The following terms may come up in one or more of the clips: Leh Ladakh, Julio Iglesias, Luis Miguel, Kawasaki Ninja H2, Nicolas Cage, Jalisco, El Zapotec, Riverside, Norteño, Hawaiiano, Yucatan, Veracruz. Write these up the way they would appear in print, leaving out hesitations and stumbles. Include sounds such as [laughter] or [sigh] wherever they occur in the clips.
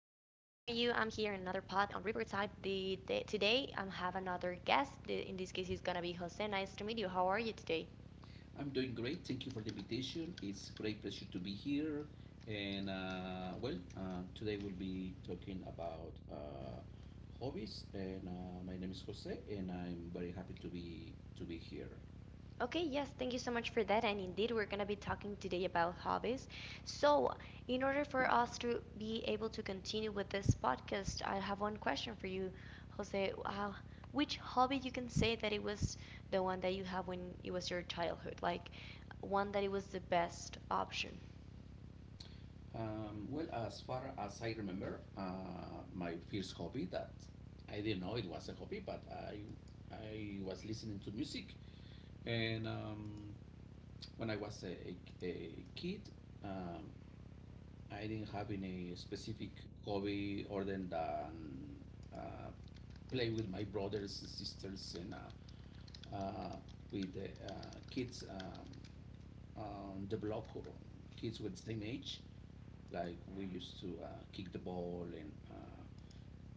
here in another pod on Riverside. The today I have another guest. In this case, it's gonna be Jose. Nice to meet you. How are you today? I'm doing great. Thank you for the invitation. It's a great pleasure to be here. And well, today we'll be talking about hobbies. And my name is Jose, and I'm very happy to be here. Okay, yes, thank you so much for that. And indeed, we're gonna be talking today about hobbies. So, in order for us to be able to continue with this podcast, I have one question for you, Jose. Which hobby you can say that it was the one that you have when it was your childhood, like one that it was the best option? Well, as far as I remember, my first hobby that I didn't know it was a hobby, but I was listening to music, and when I was a kid, um, I didn't have any specific hobby other than uh, play with my brothers and sisters and uh, with the kids on the block, kids with the same age. Like we used to kick the ball and.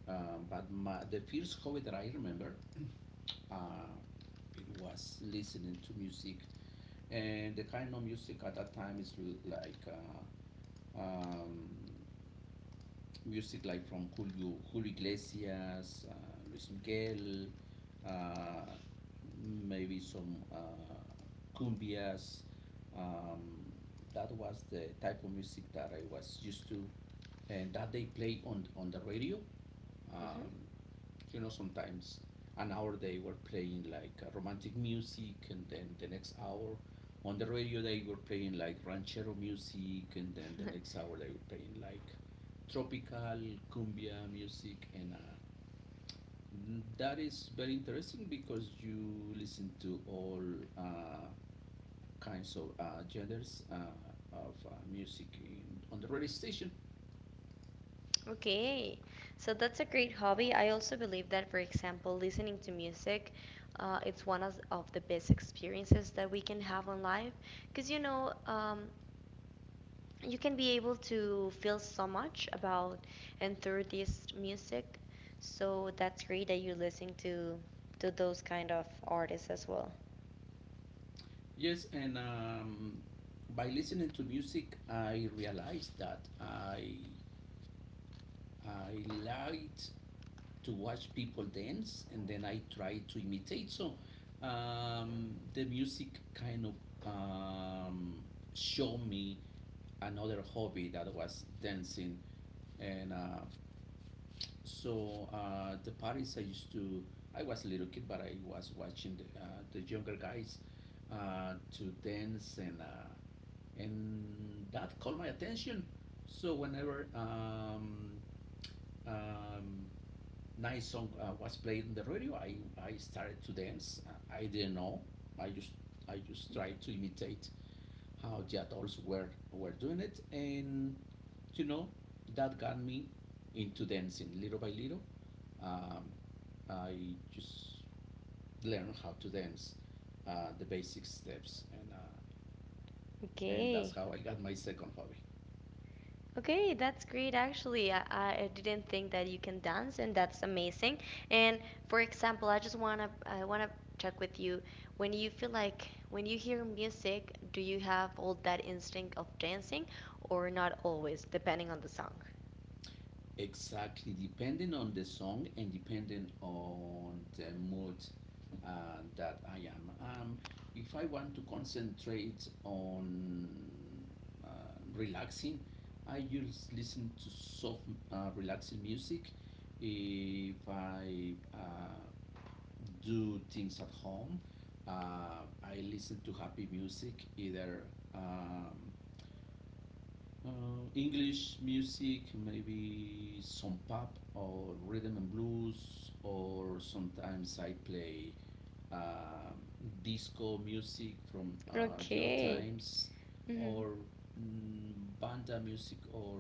But the first hobby that I remember, uh, it was listening to music, and the kind of music at that time is like uh, um, music like from Julio Iglesias, Luis Miguel, uh, maybe some cumbias. Um, that was the type of music that I was used to, and that they played on the radio. Hmm. um, Sometimes an hour they were playing like romantic music, and then the next hour on the radio they were playing like ranchero music, and then the next [laughs] hour they were playing like tropical cumbia music, and that is very interesting because you listen to all uh, kinds of genders of music on the radio station. Okay, so that's a great hobby. I also believe that, for example, listening to music, it's one of the best experiences that we can have on life. Because, you know, you can be able to feel so much about and through this music. So that's great that you listen to those kind of artists as well. Yes, and by listening to music, I realized that I liked to watch people dance, and then I tried to imitate. So the music kind of um, showed me another hobby that was dancing, and so the parties I used to. I was a little kid, but I was watching the younger guys to dance. And that caught my attention. So whenever um, nice song was played in the radio, I started to dance. I didn't know. I just I just tried to imitate how the adults were doing it, and you know that got me into dancing little by little. Um, I just learned how to dance the basic steps, and that's Okay. how I got my second hobby. Okay, that's great actually. I didn't think that you can dance and that's amazing. And for example, I wanna check with you when you feel like when you hear music, do you have all that instinct of dancing or not always, depending on the song? Exactly, depending on the song and depending on the mood that I am. If I want to concentrate on uh, relaxing, I just listen to soft, relaxing music. If I do things at home, I listen to happy music, either um, English music, maybe some pop or rhythm and blues, or sometimes I play um, disco music from the old Okay. times, Hmm. or mm, banda music or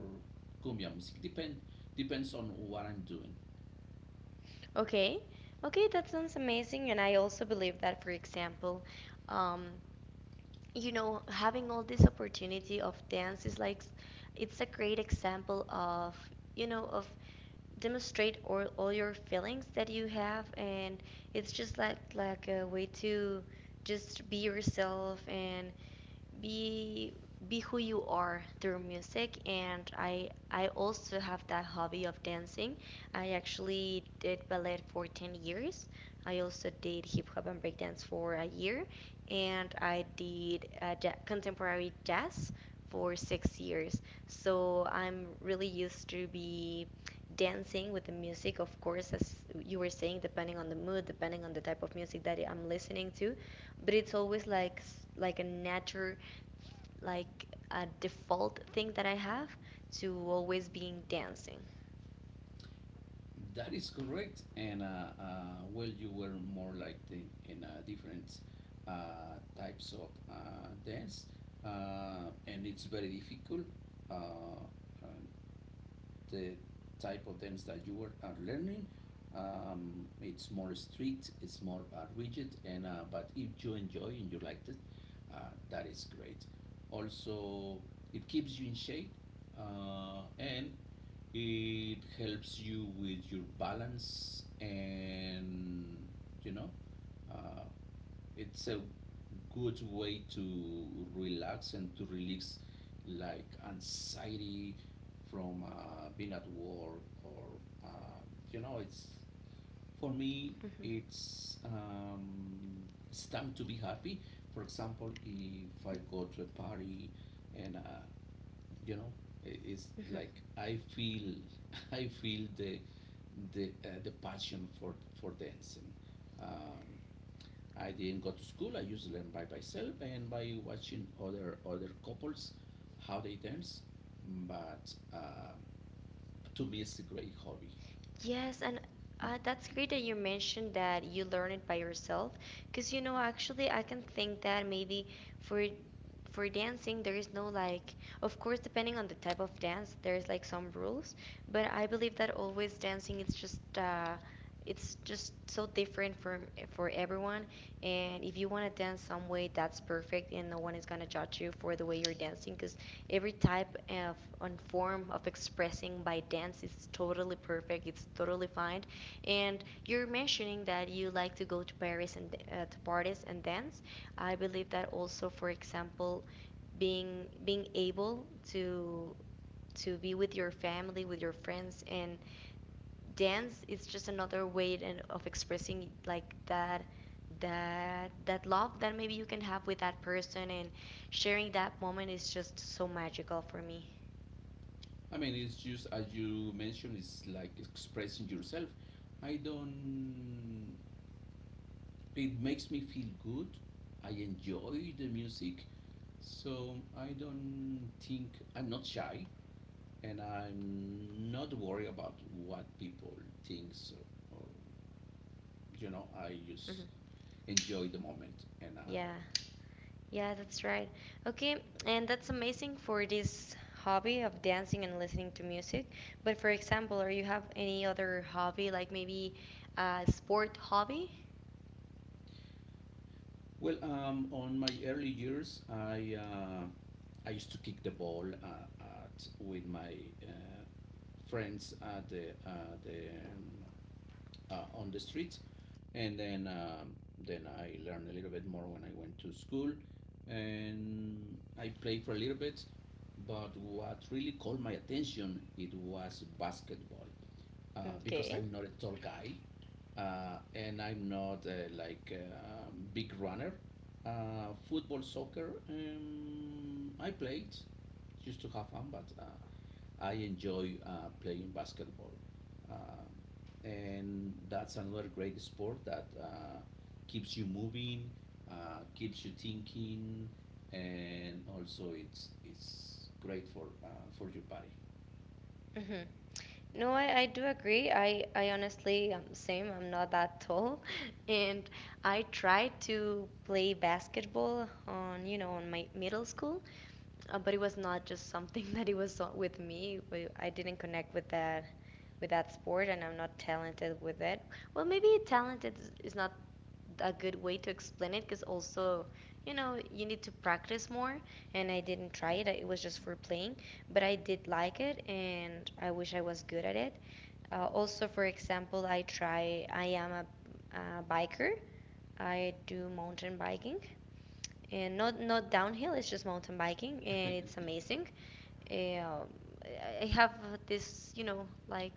cumbia music. Depends on what I'm doing. Okay. Okay, that sounds amazing. And I also believe that, for example, um, you know, having all this opportunity of dance is like, it's a great example of, you know, of demonstrate all your feelings that you have and it's just like a way to just be yourself and be be who you are through music, and I also have that hobby of dancing. I actually did ballet for 10 years. I also did hip hop and breakdance for a year, and I did contemporary jazz for 6 years. So I'm really used to be dancing with the music, of course, as you were saying, depending on the mood, depending on the type of music that I'm listening to. But it's always like a natural, like a default thing that I have to always being dancing. That is correct. And well, you were more like in different types of dance, and it's very difficult. Uh, uh, the type of dance that you were are learning, it's more strict, it's more rigid, and but if you enjoy and you liked it, uh, that is great. Also, it keeps you in shape, and it helps you with your balance, and you know, uh, it's a good way to relax and to release like anxiety from being at work. Or you know, it's for me, Hmm. It's time to be happy. For example, if I go to a party and you know is Hmm. like I feel [laughs] I feel the passion for dancing. um, I didn't go to school. I used to learn by myself and by watching other couples how they dance, but to me it's a great hobby. Yes, and that's great that you mentioned that you learn it by yourself, because you know actually I can think that maybe for for dancing there is no like, of course depending on the type of dance there's like some rules, but I believe that always dancing is just it's just so different for everyone, and if you want to dance some way, that's perfect and no one is going to judge you for the way you're dancing, because every type of and form of expressing by dance is totally perfect, it's totally fine. And you're mentioning that you like to go to paris and to parties and dance. I believe that also, for example, being able to be with your family, with your friends, and dance is just another way and of expressing like that, that that love that maybe you can have with that person, and sharing that moment is just so magical for me. I mean, it's just as you mentioned, it's like expressing yourself. I don't It makes me feel good. I enjoy the music. So I don't think. I'm not shy, and I'm not worried about what people think. So, or you know, I just Hmm. enjoy the moment. Yeah. Yeah, that's right. Okay, and that's amazing for this hobby of dancing and listening to music. But for example, or you have any other hobby like maybe a sport hobby? On my early years, I used to kick the ball at with my uh, friends at the on the street, and then I learned a little bit more when I went to school, and I played for a little bit. But what really called my attention, it was basketball, because Okay. I'm not a tall guy, and I'm not like a big runner. Football, soccer, I played just to have fun, but I enjoy playing basketball. Um, and that's another great sport that keeps you moving, keeps you thinking, and also it's great for your body. Hmm. No, I do agree. I honestly, same, I'm not that tall. [laughs] And I tried to play basketball on, you know, on my middle school, but it was not just something [laughs] that it was with me. I didn't connect with that sport, and I'm not talented with it. Well, maybe talented is not a good way to explain it, because also, you know, you need to practice more, and I didn't try it. It was just for playing, but I did like it, and I wish I was good at it. Also, for example, I am a, biker. I do mountain biking and not downhill, it's just mountain biking and it's amazing. Eh, Um, I have this, you know, like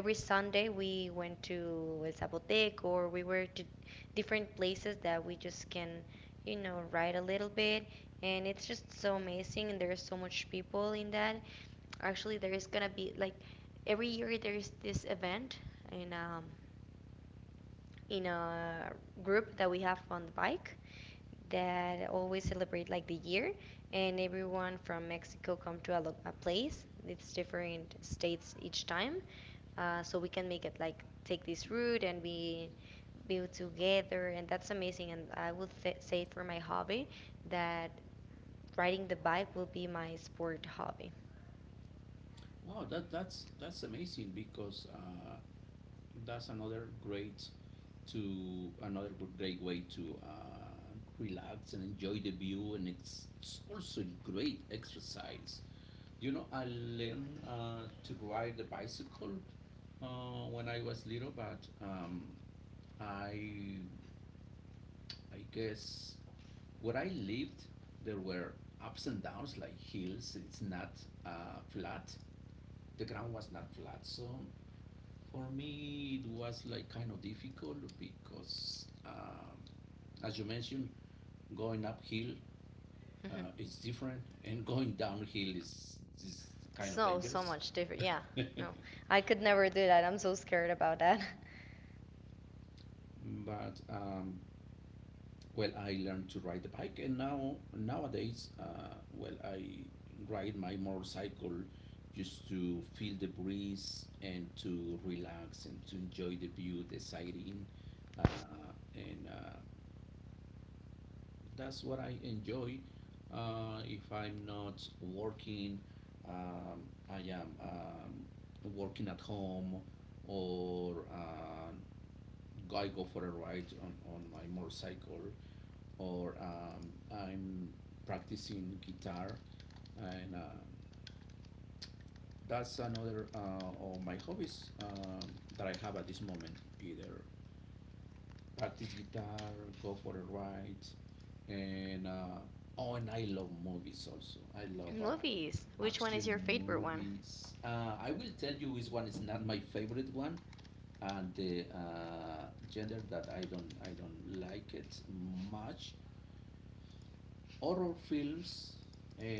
every Sunday we went to El Zapotec, or we were to different places that we just can, you know, ride a little bit. And it's just so amazing, and there's so much people in that. Actually, there is gonna be like every year there is this event, and in a group that we have on the bike that always celebrate like the year, and everyone from Mexico come to a, a place, it's different states each time. So we can make it like take this route and we build together, and that's amazing. And I would say for my hobby that riding the bike will be my sport hobby. Wow, that's amazing, because that's another great way to relax and enjoy the view, and it's also great exercise. You know, I learned to ride the bicycle when I was little, but I, I guess where I lived, there were ups and downs like hills. It's not flat. The ground was not flat, so for me it was like kind of difficult because, as you mentioned, going uphill Hmm. Is different, and going downhill is kind of So so dangerous. much different, yeah. No, [laughs] I could never do that, I'm so scared about that. [laughs] But I learned to ride the bike, and nowadays I ride my motorcycle just to feel the breeze and to relax and to enjoy the view, the sighting. And That's what I enjoy. If I'm not working, um, I am working at home, or I go for a ride on my motorcycle, or I'm practicing guitar, and that's another of my hobbies that I have at this moment. Either practice guitar, go for a ride, and oh, and I love movies also. I love Movies. Which one is action your favorite one? movies. I will tell you which one is not my favorite one, and the gender that I don't like it much, horror films.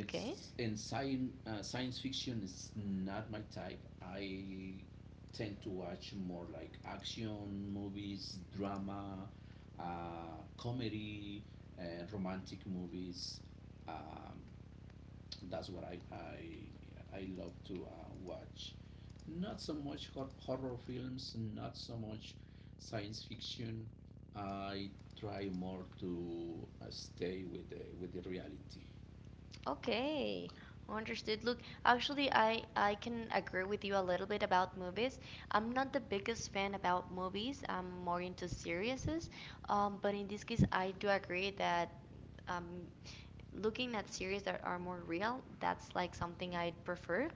Okay. in science science fiction is not my type. I tend to watch more like action movies, drama, comedy, and romantic movies. um, that's what I love to watch. Not so much horror films, not so much science fiction. I try more to stay with the reality. Okay. Understood. Look, actually, I can agree with you a little bit about movies. I'm not the biggest fan about movies. I'm more into series. But in this case, I do agree that um, looking at series that are more real, that's like something I prefer.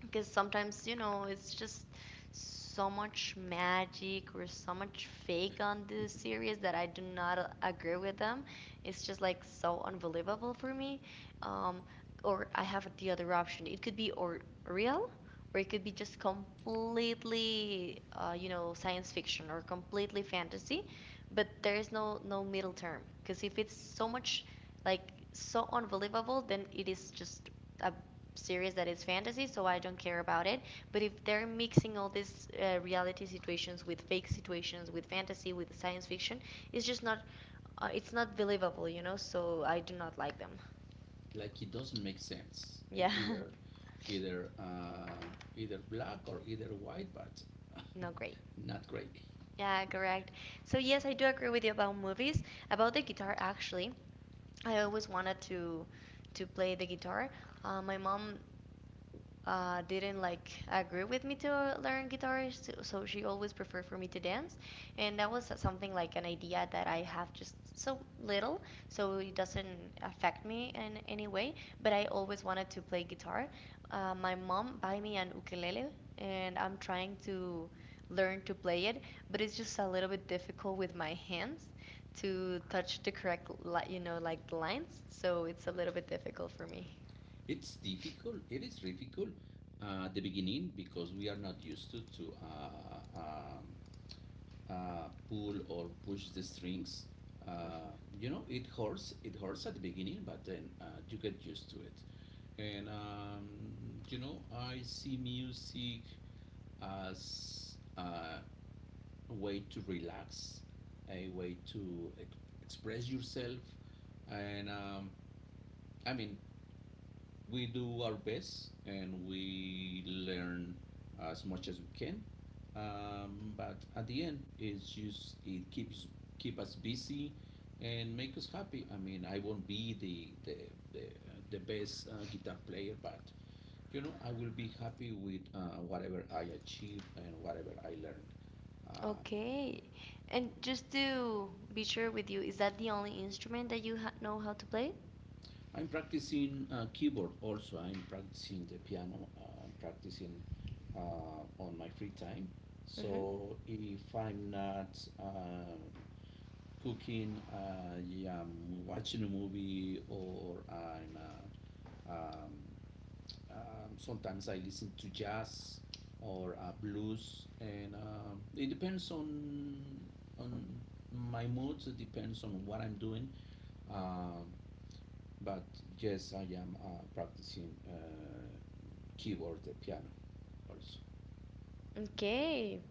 Because sometimes you know it's just so much magic or so much fake on this series that I do not agree with them. It's just like so unbelievable for me. Um, or I have the other option. It could be or real, or it could be just completely you know science fiction or completely fantasy. But there is no middle term, because if it's so much like so unbelievable, then it is just a series that is fantasy, so I don't care about it. But if they're mixing all these reality situations with fake situations, with fantasy, with science fiction, it's just not, it's not believable, you know. So I do not like them. Like it doesn't make sense. e- Yeah, either either uh, either black or either white, but [laughs] not great. [laughs] not great. Yeah, correct. So yes, I do agree with you about movies. About the guitar, actually, I always wanted to play the guitar. My mom didn't like agree with me to learn guitar, so, so she always preferred for me to dance, and that was something like an idea that I have just so little, so it doesn't affect me in any way. But I always wanted to play guitar. My mom buy me an ukulele, and I'm trying to learn to play it, but it's just a little bit difficult with my hands to touch the correct, you know, like lines. So it's a little bit difficult for me. It is difficult at the beginning because we are not used to pull or push the strings. You know, it hurts at the beginning, but then you get used to it. And you know, I see music as a way to relax, a way to express yourself. And I mean, we do our best and we learn as much as we can. But at the end, it's just it keeps keep us busy and make us happy. I mean, I won't be the best guitar player, but you know, I will be happy with whatever I achieve and whatever I learned. Uh, Okay. And just to be sure with you, is that the only instrument that you ha know how to play? I'm practicing keyboard also. I'm practicing the piano. I'm practicing on my free time. Mm-hmm. So if I'm not cooking, I am watching a movie, or I'm um, sometimes I listen to jazz or blues, and it depends on my mood. It depends on what I'm doing. Um, but yes, I am practicing keyboard, the piano, also. Okay.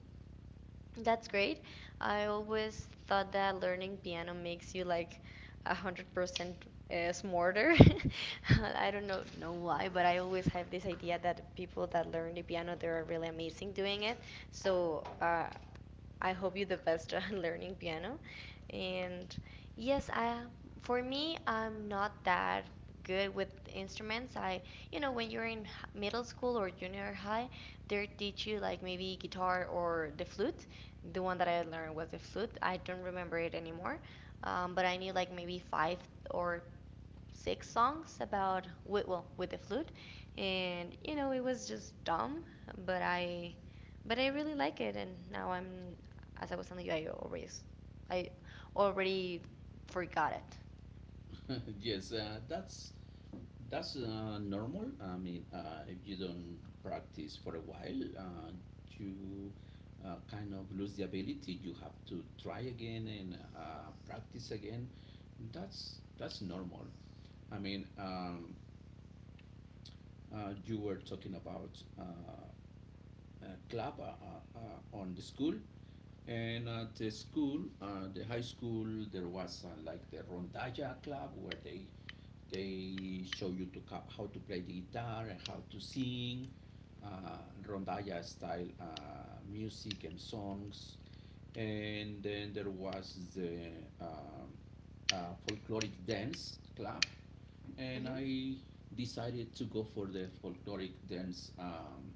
That's great. I always thought that learning piano makes you like 100% smarter. [laughs] I don't know why, but I always have this idea that people that learn the piano they are really amazing doing it. So I hope you the best [laughs] at learning piano. And yes, I for me, I'm not that good with instruments. I, you know, when you're in middle school or junior high, they teach you like maybe guitar or the flute. The one that I learned was the flute. I don't remember it anymore. But I knew like maybe five or six songs about with, well with the flute, and you know it was just dumb, but I but I really like it, and now I'm as I was telling you, I already forgot it. [laughs] Yes, that's normal. I mean, if you don't practice for a while, you kind of lose the ability. You have to try again and practice again. That's normal. I mean, you were talking about a club on the school. And at the school, the high school, there was like the rondalla club where they show you to how to play the guitar and how to sing rondalla style music and songs. And then there was the um folkloric dance club, and Hmm. I decided to go for the folkloric dance um,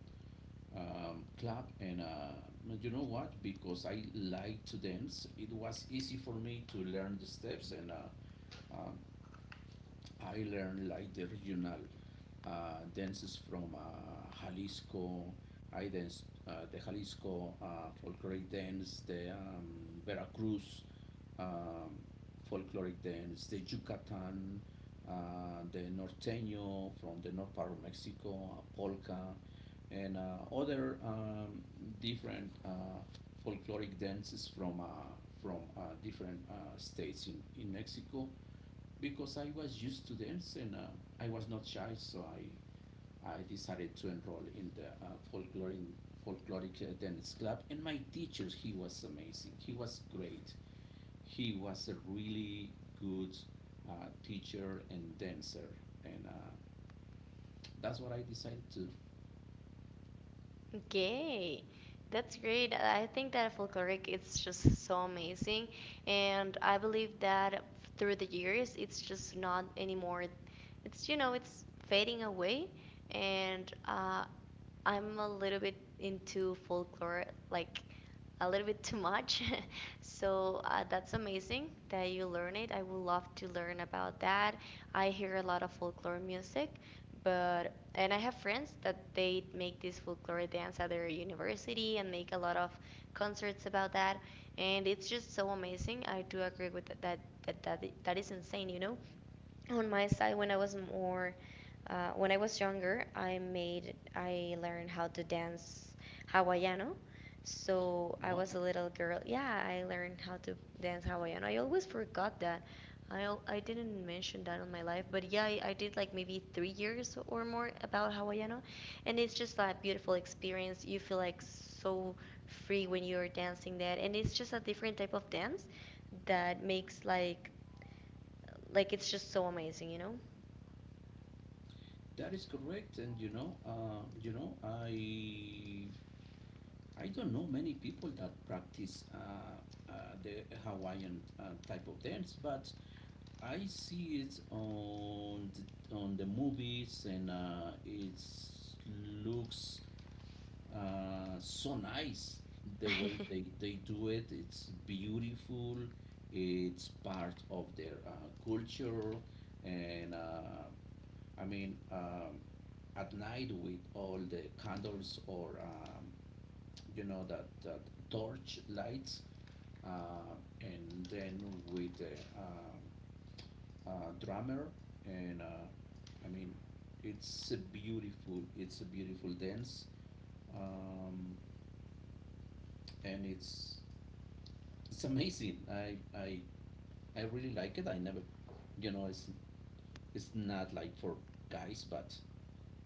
um, club, and you know what, because I like to dance, it was easy for me to learn the steps, and um, I learned like the regional dances from Jalisco. I danced the Jalisco folkloric dance, the Veracruz um, folkloric dance, the Yucatan, the Norteño from the north part of Mexico, a polka, and other different folkloric dances from different states in Mexico, because I was used to dance, and I was not shy, so I decided to enroll in the folkloric dance club. And my teacher, he was amazing. He was great. He was a really good teacher and dancer, and that's what I decided to. Okay, that's great. I think that folkloric it's just so amazing, and I believe that through the years it's just not anymore. It's you know it's fading away, and I'm a little bit into folklore, like a little bit too much. [laughs] So that's amazing that you learn it. I would love to learn about that. I hear a lot of folklore music, but and I have friends that they make this folklore dance at their university and make a lot of concerts about that. And it's just so amazing. I do agree with that that that is insane, you know? On my side when I was more when I was younger I learned how to dance Hawaiiano. So I Wow, was a little girl, yeah, I learned how to dance Hawaiiano. I always forgot that I didn't mention that on my life, but yeah I did like maybe 3 years or more about Hawaiiano, and it's just that beautiful experience, you feel like so free when you're dancing that, and it's just a different type of dance that makes like it's just so amazing you know. that is correct. And you know, I don't know many people that practice the Hawaiian type of dance, but I see it on on the movies and it looks so nice the way [laughs] they do it. It's beautiful. It's part of their culture. And uh, I mean, um, at night with all the candles or that torch lights. Uh, and then with the drummer, and uh, I mean, it's a beautiful dance, um, and it's amazing. I really like it. I never, you know, it's not like for guys, but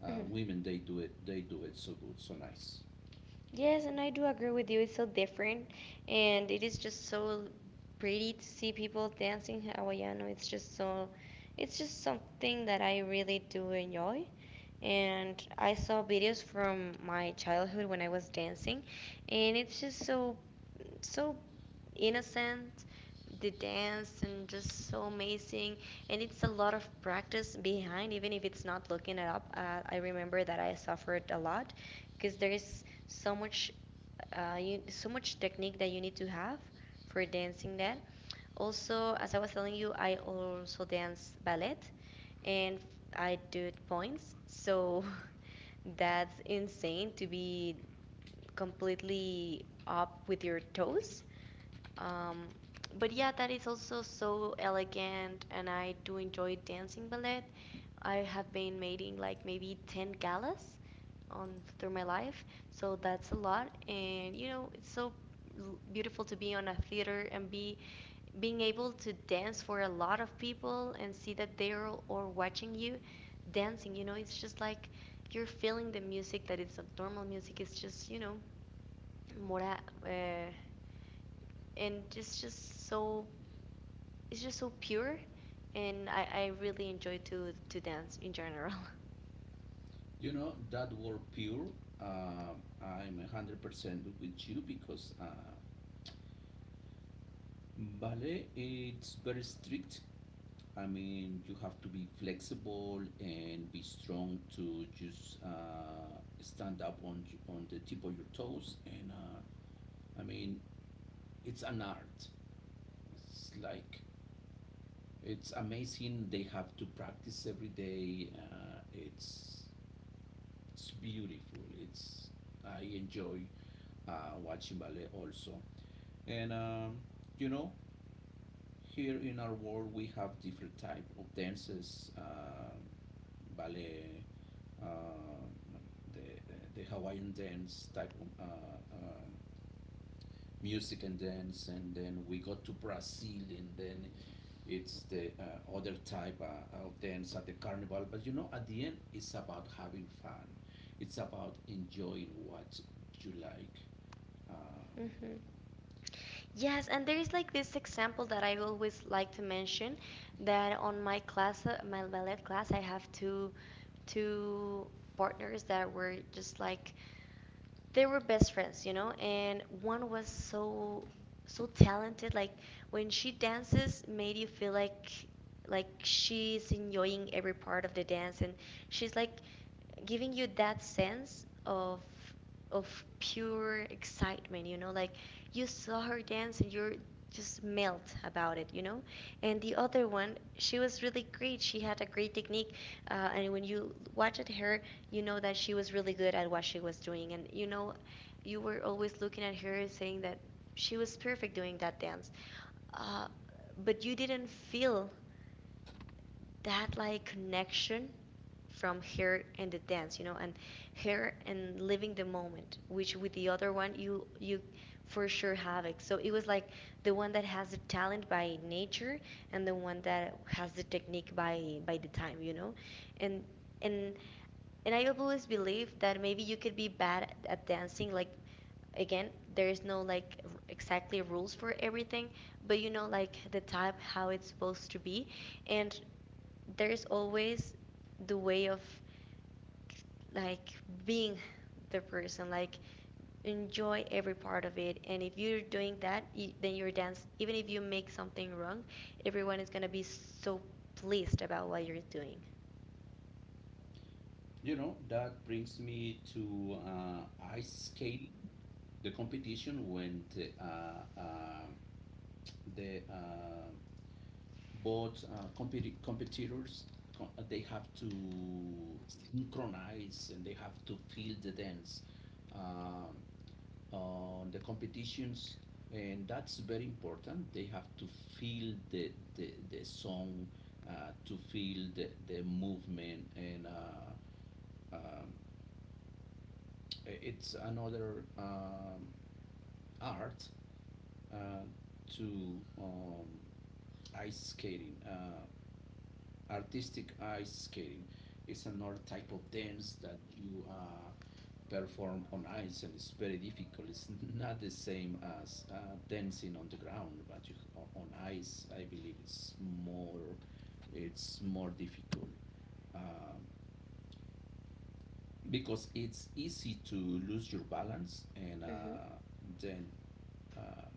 Mhm. women they do it so good, so nice. Yes, and I do agree with you. It's so different, and it is just so pretty to see people dancing Hawaiiano. It's just so, it's just something that I really do enjoy. And I saw videos from my childhood when I was dancing, and it's just so, so innocent the dance and just so amazing, and it's a lot of practice behind even if it's not looking it up. I remember that I suffered a lot because there is so much so much technique that you need to have for dancing. That also, as I was telling you, I also dance ballet, and I do it points. So [laughs] that's insane to be completely up with your toes. um, but yeah, that is also so elegant, and I do enjoy dancing ballet. I have been making like maybe 10 galas on through my life, so that's a lot. And you know, it's so beautiful to be on a theater and be being able to dance for a lot of people and see that they're all watching you dancing. You know, it's just like you're feeling the music that it's not normal music. It's just, you know, more uh, and just so, it's just so pure. And I really enjoy to dance in general. You know that word pure. I'm 100% with you because ballet it's very strict. I mean, you have to be flexible and be strong to just stand up on on the tip of your toes. I mean, it's an art. It's like it's amazing. They have to practice every day. It's it's beautiful. It's I enjoy watching ballet also. And um, you know, Here in our world we have different type of dances. Ballet, um, the, the Hawaiian dance type of music and dance, and then we go to Brazil, and then it's the other type of dance at the carnival. But you know, at the end, it's about having fun. It's about enjoying what you like. Um, [laughs] Hmm. Yes, and there is like this example that I always like to mention, that on my class, my ballet class, I have two partners that were just like they were best friends, you know, and one was so so talented. Like when she dances, made you feel like she's enjoying every part of the dance, and she's like giving you that sense of pure excitement, you know, like you saw her dance and you're just melt about it, you know? And the other one, she was really great. She had a great technique. And when you watched her, you know that she was really good at what she was doing. And you know, you were always looking at her and saying that she was perfect doing that dance. Uh, but you didn't feel that like connection from her and the dance, you know, and her and living the moment, which with the other one you for sure have it. So it was like the one that has the talent by nature and the one that has the technique by the time, you know. And and and I always believe that maybe you could be bad at dancing, like again, there is no like exactly rules for everything, but you know like the type how it's supposed to be. And there's always the way of like being the person like enjoy every part of it, and if you're doing that, then your dance, even if you make something wrong, everyone is going to be so pleased about what you're doing. That brings me to ice skating, the competition when the competitors they have to synchronize and they have to feel the dance um, on the competitions, and that's very important. They have to feel the song, to feel the movement. And um, it's another art, uh, to ice skating, artistic ice skating is another type of dance that you perform on ice, and it's very difficult. It's not the same as dancing on the ground, but on ice I believe it's more, it's more difficult, um, because it's easy to lose your balance. and Hmm. uh, then uh,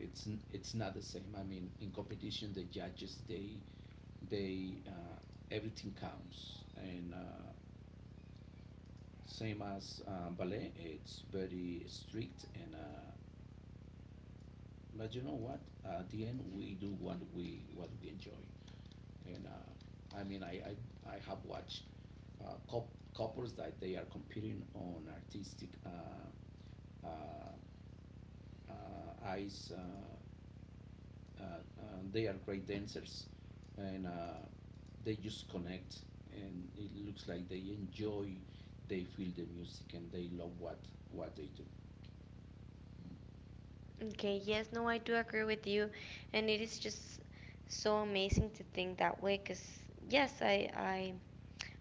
it's it's not the same. I mean, in competition the judges they everything counts. And Same as ballet, it's very strict, and but you know what? At the end, we do what we enjoy, and I mean, I have watched uh, cou- couples that they are competing on artistic uh, eyes. They are great dancers, and they just connect, and it looks like they enjoy. They feel the music, and they love what they do. Okay, yes, no, I do agree with you, and it is just so amazing to think that way. Cause yes, I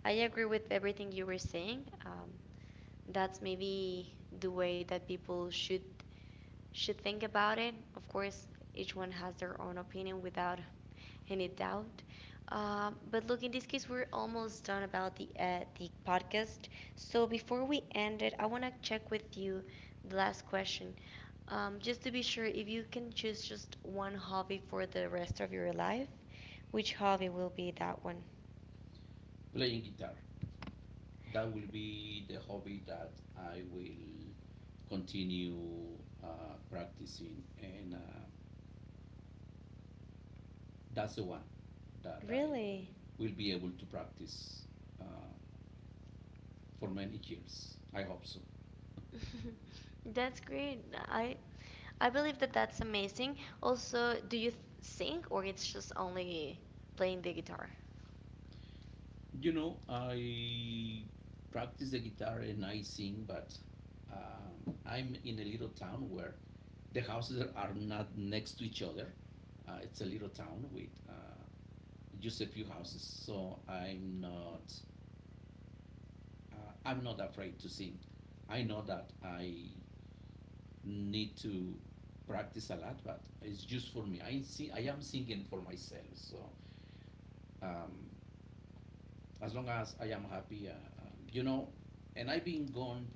I agree with everything you were saying. That's maybe the way that people should think about it. Of course, each one has their own opinion without any doubt. But look, in this case, we're almost done about the podcast. So before we end it, I want to check with you the last question, just to be sure, if you can choose just one hobby for the rest of your life, which hobby will be that one? Playing guitar. That will be the hobby that I will continue practicing, and that's the one that I Really? will be able to practice uh, for many years. I hope so. [laughs] That's great. I believe that that's amazing. Also, do you sing or it's just only playing the guitar? You know, I practice the guitar and I sing, but I'm in a little town where the houses are not next to each other. It's a little town with just a few houses, so I'm not afraid to sing. I know that I need to practice a lot, but it's just for me. I see, I am singing for myself. So um, as long as I am happy, you know, and I've been going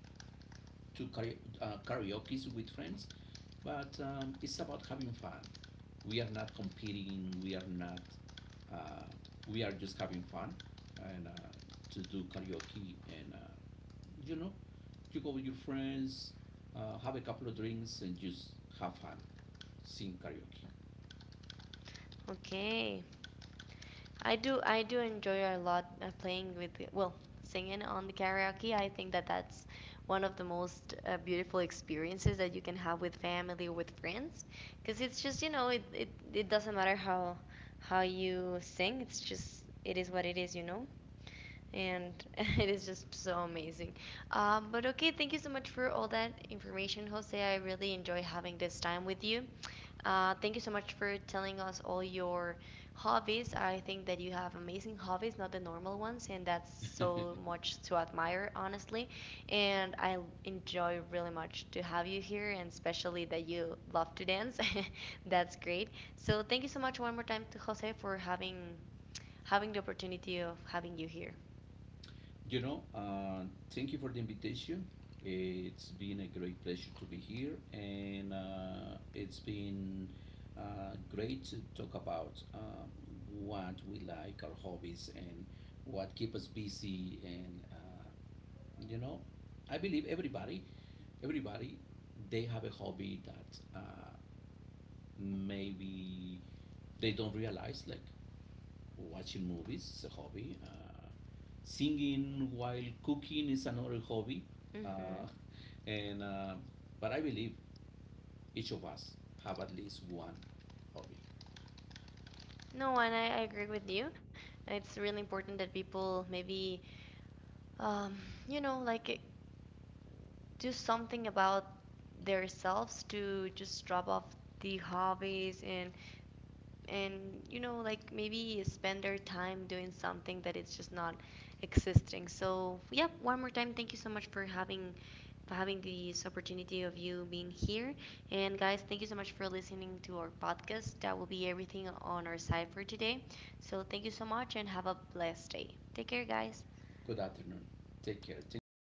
to karaoke's with friends, but it's about having fun. We are not competing. We are not. Uh, we are just having fun and to do karaoke, and you know, you go with your friends, have a couple of drinks, and just have fun. Sing karaoke. Okay. I do enjoy a lot playing with well, singing on the karaoke. I think that that's one of the most beautiful experiences that you can have with family or with friends, because it's just, you know, it it doesn't matter how you sing. It's just it is what it is, you know, and [laughs] it is just so amazing. But okay, thank you so much for all that information, Jose. I really enjoy having this time with you. Thank you so much for telling us all your hobbies. I think that you have amazing hobbies, not the normal ones, and that's so much to admire, honestly. And I enjoy really much to have you here, and especially that you love to dance. [laughs] That's great. So thank you so much one more time to Jose for having having the opportunity of having you here. [laughs] You know, thank you for the invitation. It's been a great pleasure to be here, and it's been great to talk about what we like, our hobbies, and what keep us busy. And You know, I believe everybody, they have a hobby that maybe they don't realize, like watching movies is a hobby, singing while cooking is another hobby. uh, Hmm. [laughs] and But I believe each of us have at least one hobby. No, and I agree with you. It's really important that people maybe, um, you know, like do something about themselves to just drop off the hobbies, and you know, like maybe spend their time doing something that it's just not existing. So yep, one more time thank you so much for having this opportunity of you being here. And guys, thank you so much for listening to our podcast. That will be everything on our side for today. So thank you so much and have a blessed day. Take care, guys. Good afternoon. Take care. Thank you for